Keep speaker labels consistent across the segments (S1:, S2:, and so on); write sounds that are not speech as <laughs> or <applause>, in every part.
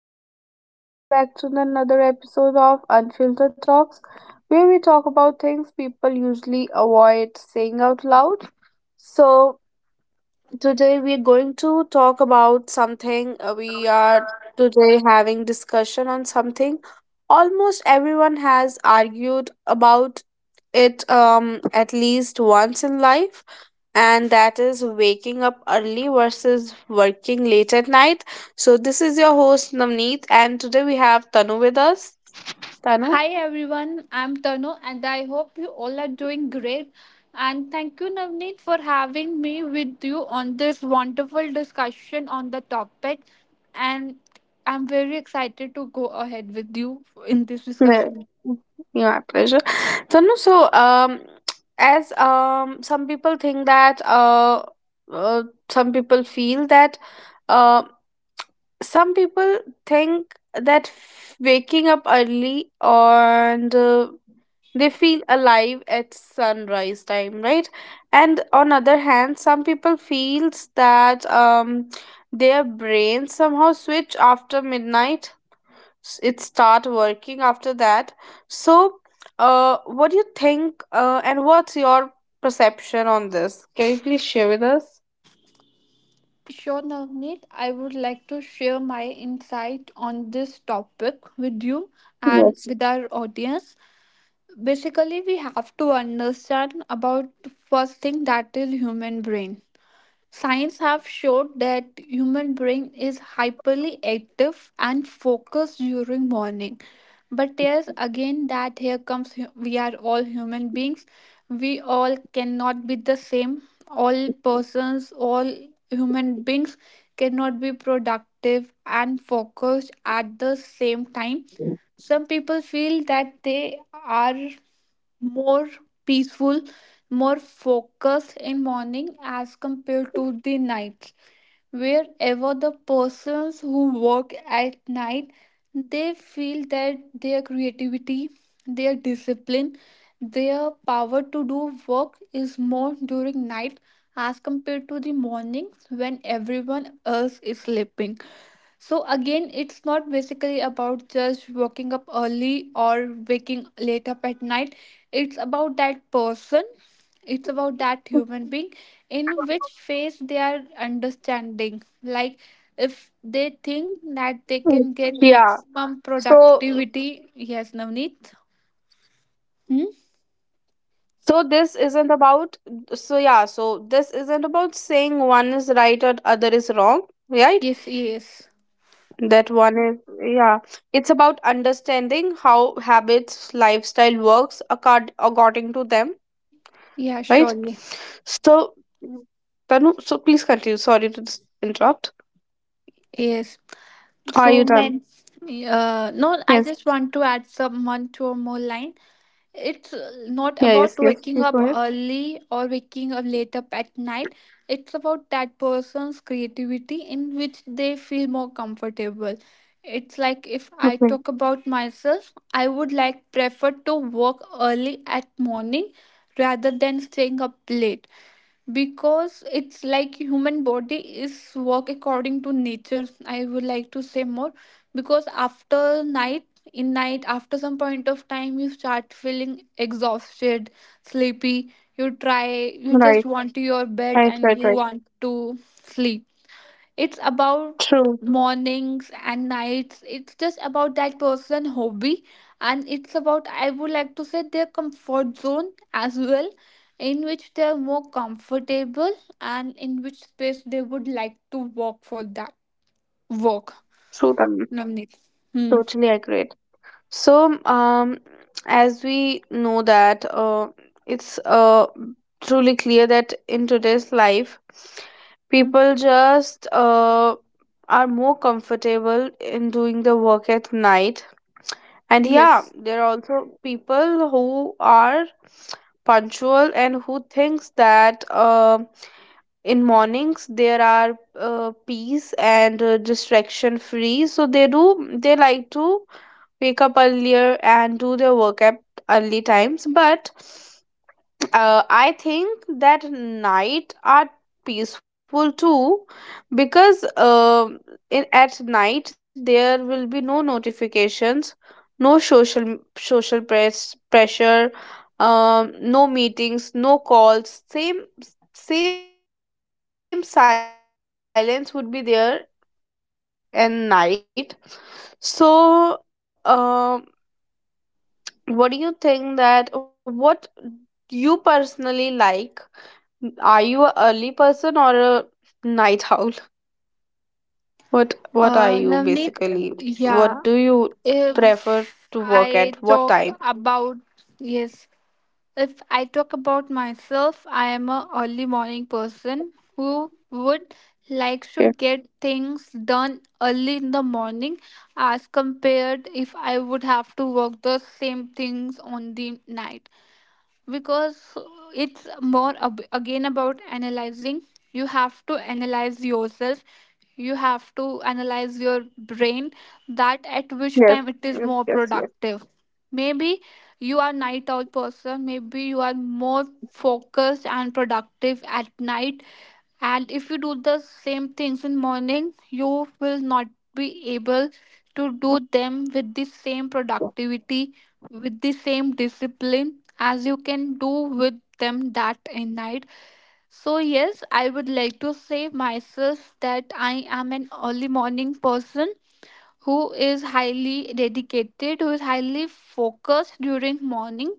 S1: everyone. Welcome back to another episode of Unfiltered Talks, where we talk about things people usually avoid saying out loud. So, Today we are going to talk about something. We are today having discussion on something. Almost everyone has argued about it at least once in life, and that is waking up early versus working late at night. So this is your host Navneet, and today we have Tanu with us. Tanu.
S2: Hi everyone, I'm Tanu and I hope you all are doing great. And thank you, Navneet, for having me with you on this wonderful discussion on the topic. And I'm very excited to go ahead with you in this
S1: Yeah,
S2: discussion.
S1: my pleasure. So, no, so as some people think that uh, some people feel that uh, some people think that f- waking up early and they feel alive at sunrise time, right? And on other hand, some people feels that their brains somehow switch after midnight it start working after that, so what do you think, and what's your perception on this? Can you please share with us?
S2: Sure, Navneet, I would like to share my insight on this topic with you and
S1: Yes.
S2: with our audience. Basically, we have to understand about first thing, that is human brain. Science have showed that human brain is hyperly active and focused during morning. But yes, again that here comes we are all human beings. We all cannot be the same. All persons, all human beings cannot be productive and focused at the same time. Some people feel that they are more peaceful, more focused in morning as compared to the nights. Wherever the persons who work at night, they feel that their creativity, their discipline, their power to do work is more during night as compared to the mornings when everyone else is sleeping. So again, it's not basically about just waking up early or waking late up at night. It's about that person. It's about that human being, in which
S1: <laughs>
S2: phase they are understanding, like if they think that they
S1: Mhm.
S2: can get
S1: yeah
S2: maximum
S1: so
S2: productivity. Yes, Navneet. Hmm?
S1: so this isn't about, so this isn't about saying one is right or other is wrong, right?
S2: Yes, yes.
S1: That one is yeah, it's about understanding how habits lifestyle works according to them,
S2: Yeah,
S1: right?
S2: surely.
S1: So, Tanu, so please continue. Sorry to interrupt.
S2: Yes.
S1: Are
S2: So
S1: you done?
S2: men. No, I
S1: Yes.
S2: just want to add someone to a more line. It's not
S1: Yeah,
S2: about
S1: yes, yes.
S2: waking
S1: Please
S2: up
S1: go ahead.
S2: early or waking up late up at night. It's about that person's creativity, in which they feel more comfortable. It's like, if I talk
S1: Okay.
S2: about myself, I would like prefer to work early at morning rather than staying up late, because it's like human body is work according to nature, I would like to say more. Because after night, in night, after some point of time you start feeling exhausted, sleepy, you try you just
S1: Right.
S2: want to your bed
S1: Right,
S2: and
S1: right,
S2: you
S1: right.
S2: want to sleep. It's about
S1: True.
S2: mornings and nights. It's just about that person hobby, and it's about, I would like to say, their comfort zone as well, in which they are more comfortable and in which space they would like to work for that work,
S1: True, Tanu.
S2: Navneet. Hmm.
S1: Totally agreed. So, as we know that it's truly clear that in today's life,
S2: Hmm.
S1: people just are more comfortable in doing the work at night. And yeah,
S2: Yes.
S1: there are also people who are punctual and who thinks that in mornings there are peace and distraction free. So they like to wake up earlier and do their work at early times. But I think that night are peaceful too, because in at night there will be no notifications, no social pressure, no meetings, no calls. Same silence would be there at night. So, what do you think, that what you personally like? Are you a early person or a night <laughs> owl? What are you
S2: Navneet,
S1: basically? What do
S2: yeah.
S1: you prefer to work
S2: if
S1: at what time?
S2: I talk about Yes. If I talk about myself, I
S1: Mm,
S2: am a early morning person who would like to get things done early in the
S1: okay.
S2: morning as compared if I would have to work the same things on the night, because it's more again about analyzing. You have to analyze yourself, you have to analyze your brain, that at which
S1: Yes.
S2: time it is
S1: Yes.
S2: more
S1: Yes. Yes.
S2: productive. Maybe you are night owl person, maybe you are more focused and productive at night, and if you do the same things in morning, you will not be able to do them with the same productivity, with the same discipline as you can do with them that in night. So yes, I would like to say myself, that I am an early morning person who is highly dedicated, who is highly focused during morning.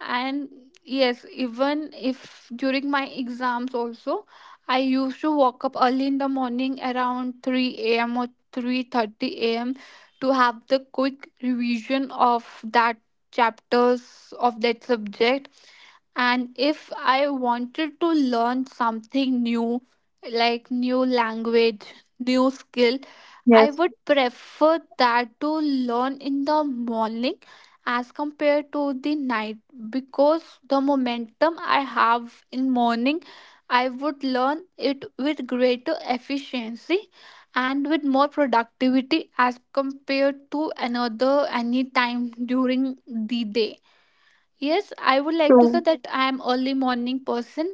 S2: And yes, even if during my exams also, I used to wake up early in the morning around 3 a.m. or 3:30 a.m. to have the quick revision of that chapters of that subject. And if I wanted to learn something new, like new language, new skill, I
S1: Yes.
S2: would prefer that to learn in the morning as compared to the night, because the momentum I have in morning, I would learn it with greater efficiency and with more productivity as compared to another any time during the day. Yes, I would like to say
S1: True.
S2: that I am early morning person,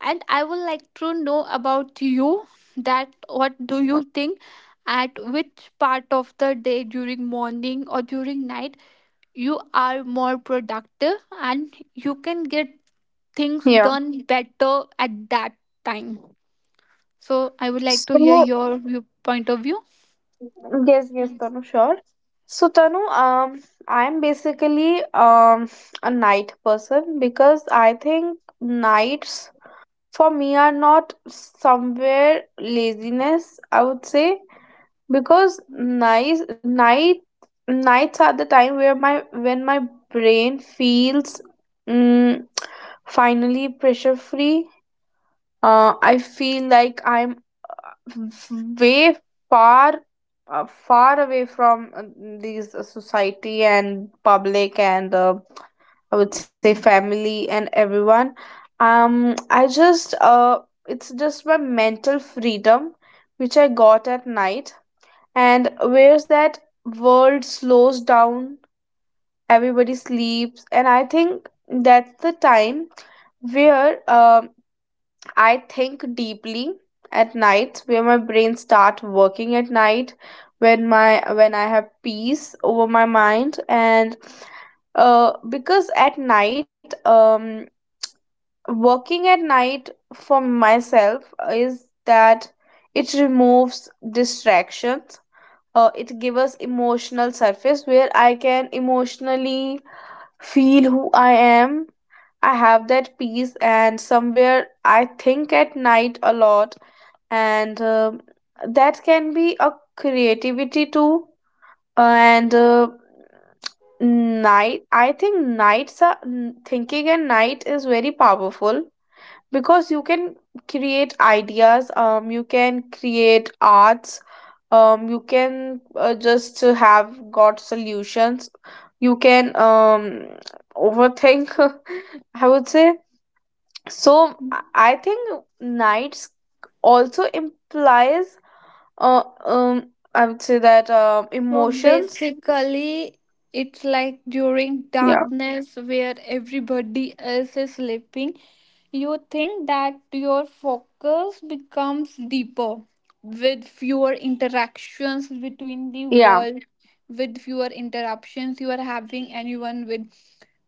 S2: and I would like to know about you, that what do you think, at which part of the day, during morning or during night, you are more productive and you can get things
S1: Yeah.
S2: done better at that time. So I would like to
S1: So
S2: hear your view, point of view.
S1: yes, yes, Tanu, sure. So Tanu, I'm basically a night person because I think nights for me are not somewhere laziness, I would say. Because nice night nights are the time where my when my brain feels mm, finally pressure free. I feel like I'm way far far away from these society and public and I would say family and everyone. I just it's just my mental freedom which I got at night, and where's that world slows down everybody sleeps, and I think that's the time where I think deeply at night, where my brain start working at night when my when I have peace over my mind. And because at night working at night for myself is that it removes distractions. It give us emotional surface where I can emotionally feel who I am. I have that peace and somewhere I think at night a lot, and that can be a creativity too. And night I think nights are thinking at night is very powerful because you can create ideas, you can create arts, you can just have got solutions, you can overthink <laughs> I would say. So I think nights also implies uh, um I would say that emotions.
S2: Basically, it's like during
S1: Yeah,
S2: darkness where everybody else is sleeping, you think that your focus becomes deeper with fewer interactions between the
S1: yeah,
S2: world, with fewer interruptions you are having anyone with.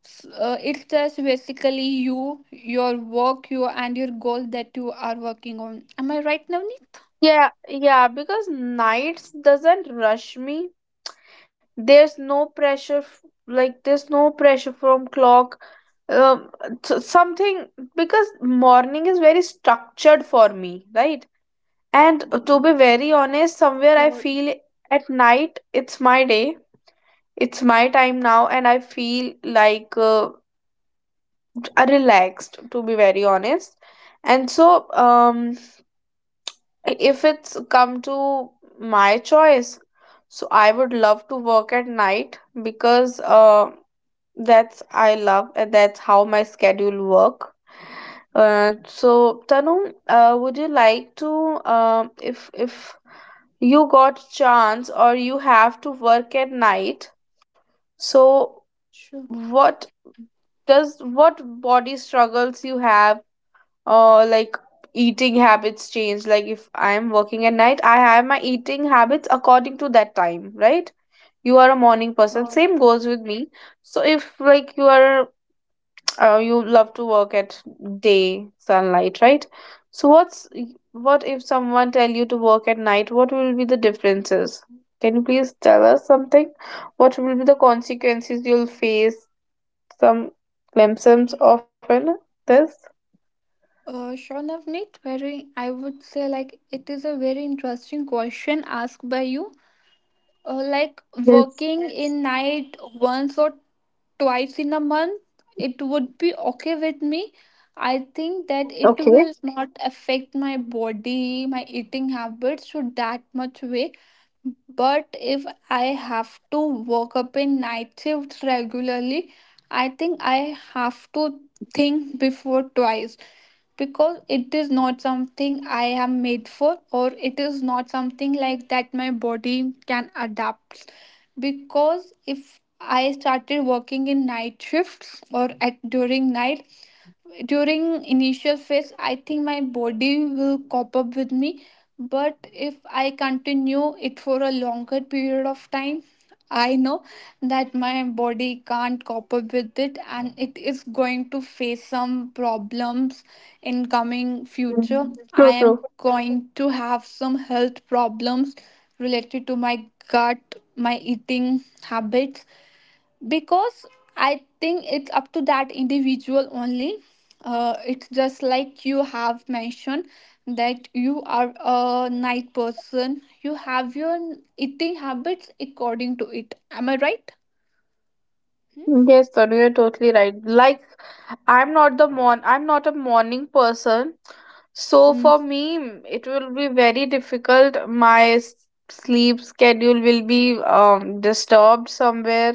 S2: It's just basically you, your work, you and your goal that you are working on. Am I right, Navneet?
S1: yeah, yeah, because nights doesn't rush me, there's no pressure like there's no pressure from clock um, something, because morning is very structured for me, right? And to be very honest, somewhere I
S2: Sure,
S1: feel at night it's my day, it's my time now, and I feel like relaxed, to be very honest. And so if it's come to my choice, so I would love to work at night, because that's I love, and that's how my schedule work. So Tanu, would you like to, if you got chance or you have to work at night, so
S2: sure.
S1: what does what body struggles you have, or like eating habits change? Like if I'm working at night, I have my eating habits according to that time, right? You are a morning person. Same goes with me. So if like you are you love to work at day sunlight, right? So what's what if someone tell you to work at night, what will be the differences? Can you please tell us something? What will be the consequences you'll face, some glimpses of in this?
S2: Sure, Navneet, very, I would say, like, it is a very interesting question asked by you. Like, working
S1: Yes.
S2: in night once or twice in a month, it would be okay with me. I think that it
S1: Okay.
S2: will not affect my body, my eating habits to that much way. But if I have to work up in night shifts regularly, I think I have to think before twice, because it is not something I am made for, or it is not something like that my body can adapt. Because if I started working in night shifts or at during night, during initial phase I think my body will cop up with me, but if I continue it for a longer period of time, I know that my body can't cope up with it, and it is going to face some problems in coming future. I
S1: Mhm.
S2: am
S1: True, true,
S2: going to have some health problems related to my gut, my eating habits, because I think it's up to that individual only. It's just like you have mentioned that you are a night person, you have your eating habits according to it. Am I right?
S1: yes Tanu, you're totally right. Like I'm not a morning person. So for
S2: Mm-hmm.
S1: me, mm, it will be very difficult. My sleep schedule will be disturbed somewhere.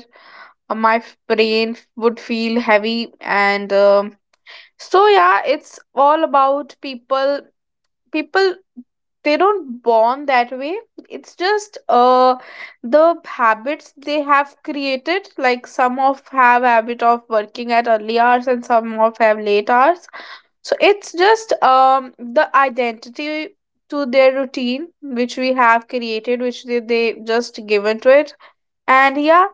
S1: My brain would feel heavy. And so yeah, it's all about people, people they don't born that way, it's just the habits they have created. Like some of have habit of working at early hours and some of have late hours, so it's just the identity to their routine which we have created, which they just given to it. And yeah,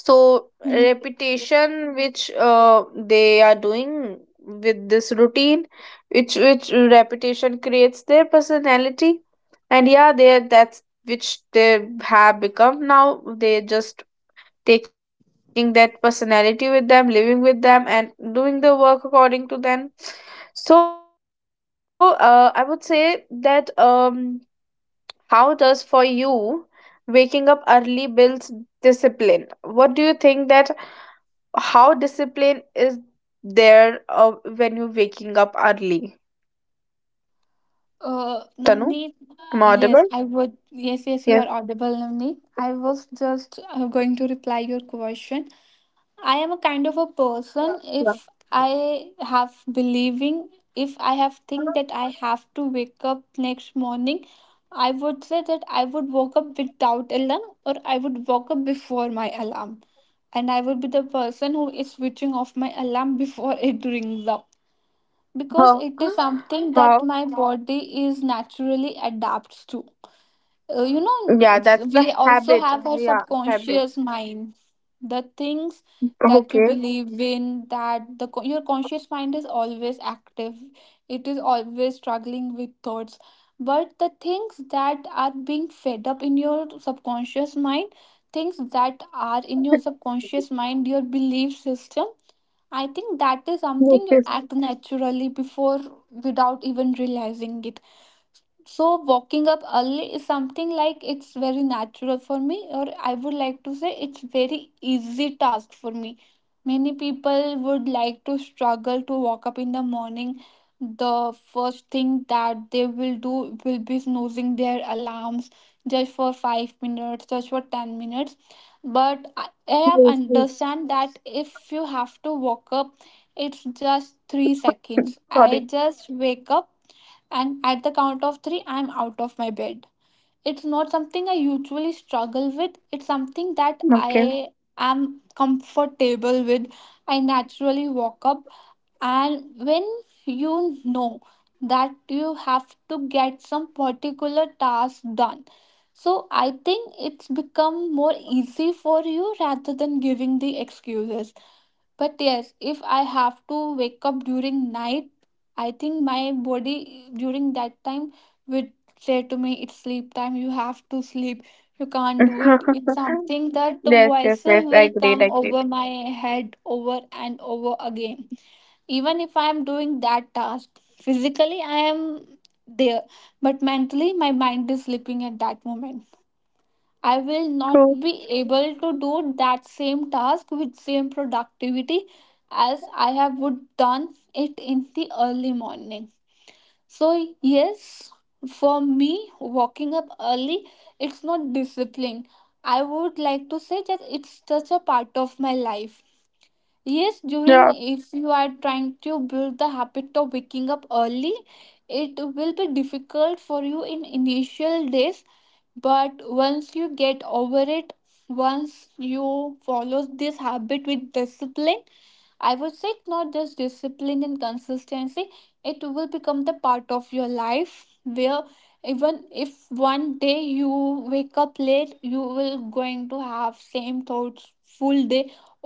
S1: so repetition which they are doing with this routine, which repetition creates their personality, and yeah they that's which they have become now, they just taking that personality with them, living with them and doing the work according to them. So I would say that, how does for you waking up early builds discipline? What do you think, that how discipline is there when you're waking up early? Tanu,
S2: Navneet.
S1: am I
S2: Yes,
S1: audible?
S2: I would yes, yes, you
S1: Yes,
S2: are audible, Navneet. I was just going to reply your question. I am a kind of a person,
S1: sorry. Yeah. <laughs>
S2: if I have think that I have to wake up next morning, I would say that I would wake up without alarm, or I would wake up before my alarm. And I would be the person who is switching off my alarm before <laughs> it rings up. Because
S1: Huh.
S2: it is something that
S1: Huh.
S2: my body is naturally adapts to. You know,
S1: Yeah,
S2: it's,
S1: that's the
S2: we also
S1: habit.
S2: have our
S1: Yeah, habit.
S2: subconscious mind. The things that you
S1: Okay.
S2: believe in, that the your conscious mind is always active, it is always struggling with thoughts, but the things that are being fed up in your subconscious mind, things that are in your
S1: <laughs>
S2: subconscious mind, your belief system, I think that is
S1: Yes,
S2: something you
S1: yes,
S2: act naturally before, without even realizing it. So walking up early is something like, it's very natural for me, or I would like to say, it's very easy task for me. Many people would like to struggle to walk up in the morning. The first thing that they will do will be snoozing their alarms just for 5 minutes, just for 10 minutes. But I have
S1: yes, yes.
S2: understand that if you have to walk up, it's just 3 seconds. I
S1: Sorry.
S2: just wake up, and at the count of three, I'm out of my bed. It's not something I usually struggle with, it's something that
S1: Okay.
S2: I am comfortable with. I naturally walk up, and when you know that you have to get some particular task done, so I think it's become more easy for you rather than giving the excuses. But yes, if I have to wake up during night, I think my body during that time would say to me, it's sleep time, you have to sleep, you can't do it.
S1: <laughs>
S2: It's something that the
S1: Yes, yes, yes.
S2: voices
S1: I
S2: will
S1: agreed, I
S2: come
S1: agreed.
S2: over my head over and over again. Even if I am doing that task physically, I am there, but mentally my mind is sleeping at that moment. I will not
S1: True.
S2: be able to do that same task with same productivity as I have would done it in the early morning. So yes, for me waking up early, it's not discipline, I would like to say that, it's just a part of my life. Yes,
S1: Yeah.
S2: during
S1: <laughs>
S2: if you are trying to build the habit of waking up early, it will be difficult for you in initial days. But once you get over it, once you follow this habit with discipline, I would say not just discipline and consistency, it will become the part of your life, where even if one day you wake up late, you will going to have same thoughts full day,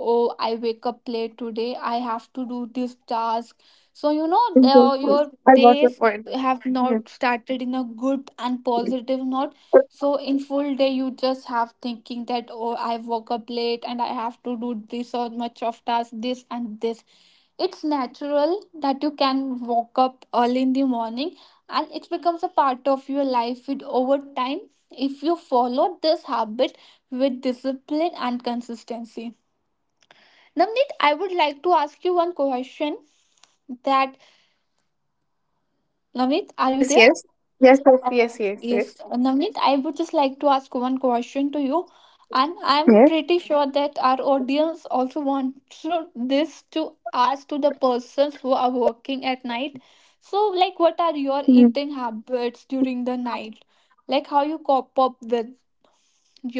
S2: oh, I wake up late today, I have to do this task. So you know,
S1: Yes, yes.
S2: your
S1: I got your
S2: days
S1: point.
S2: have
S1: Yes.
S2: not started in a good and positive note. So in full day, you just have thinking that, oh, I woke up late, and I have to do this or much of task, this and this. It's natural that you can wake up early in the morning, and it becomes a part of your life with over time, if you follow this habit with discipline and consistency. Namnit, I would like to ask you one question, that Namnit, are you
S1: Yes,
S2: there?
S1: yes. Yes, yes, yes, yes, yes.
S2: Yes, Navneet, I would just like to ask one question to you, and I'm pretty
S1: Yes.
S2: sure that our audience also wants this to ask to the persons who are working at night. So, like, what are your eating
S1: Mm.
S2: habits during the night? Like, how you cope up with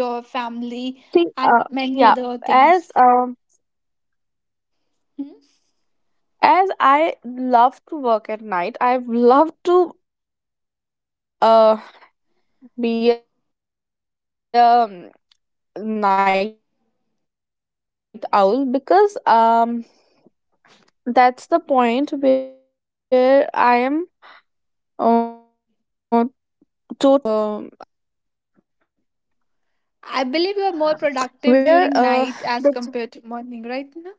S1: See,
S2: family
S1: yeah,
S2: and
S1: as
S2: many other
S1: um
S2: things? Hmm?
S1: as I love to work at night, I've loved to be a night owl, because that's the point where I am uh, totally away from the, I would say from the society. Am I audible to you?
S2: I believe you are more productive
S1: Where
S2: during night as
S1: the,
S2: compared to morning, right? ना?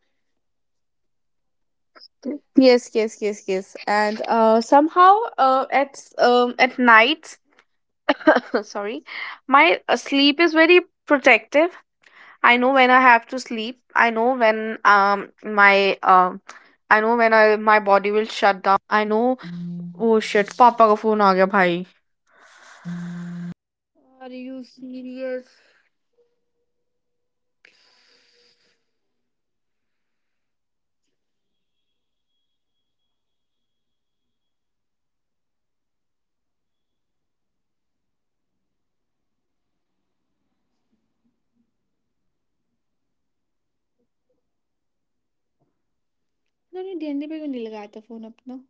S1: yes yes yes yes, and somehow at nights <laughs> sorry my sleep is very protective, I know when I have to sleep, I know when my I know when I, my body will
S2: Are you serious? मैंने DND पे क्यों नहीं लगाया था phone अपना.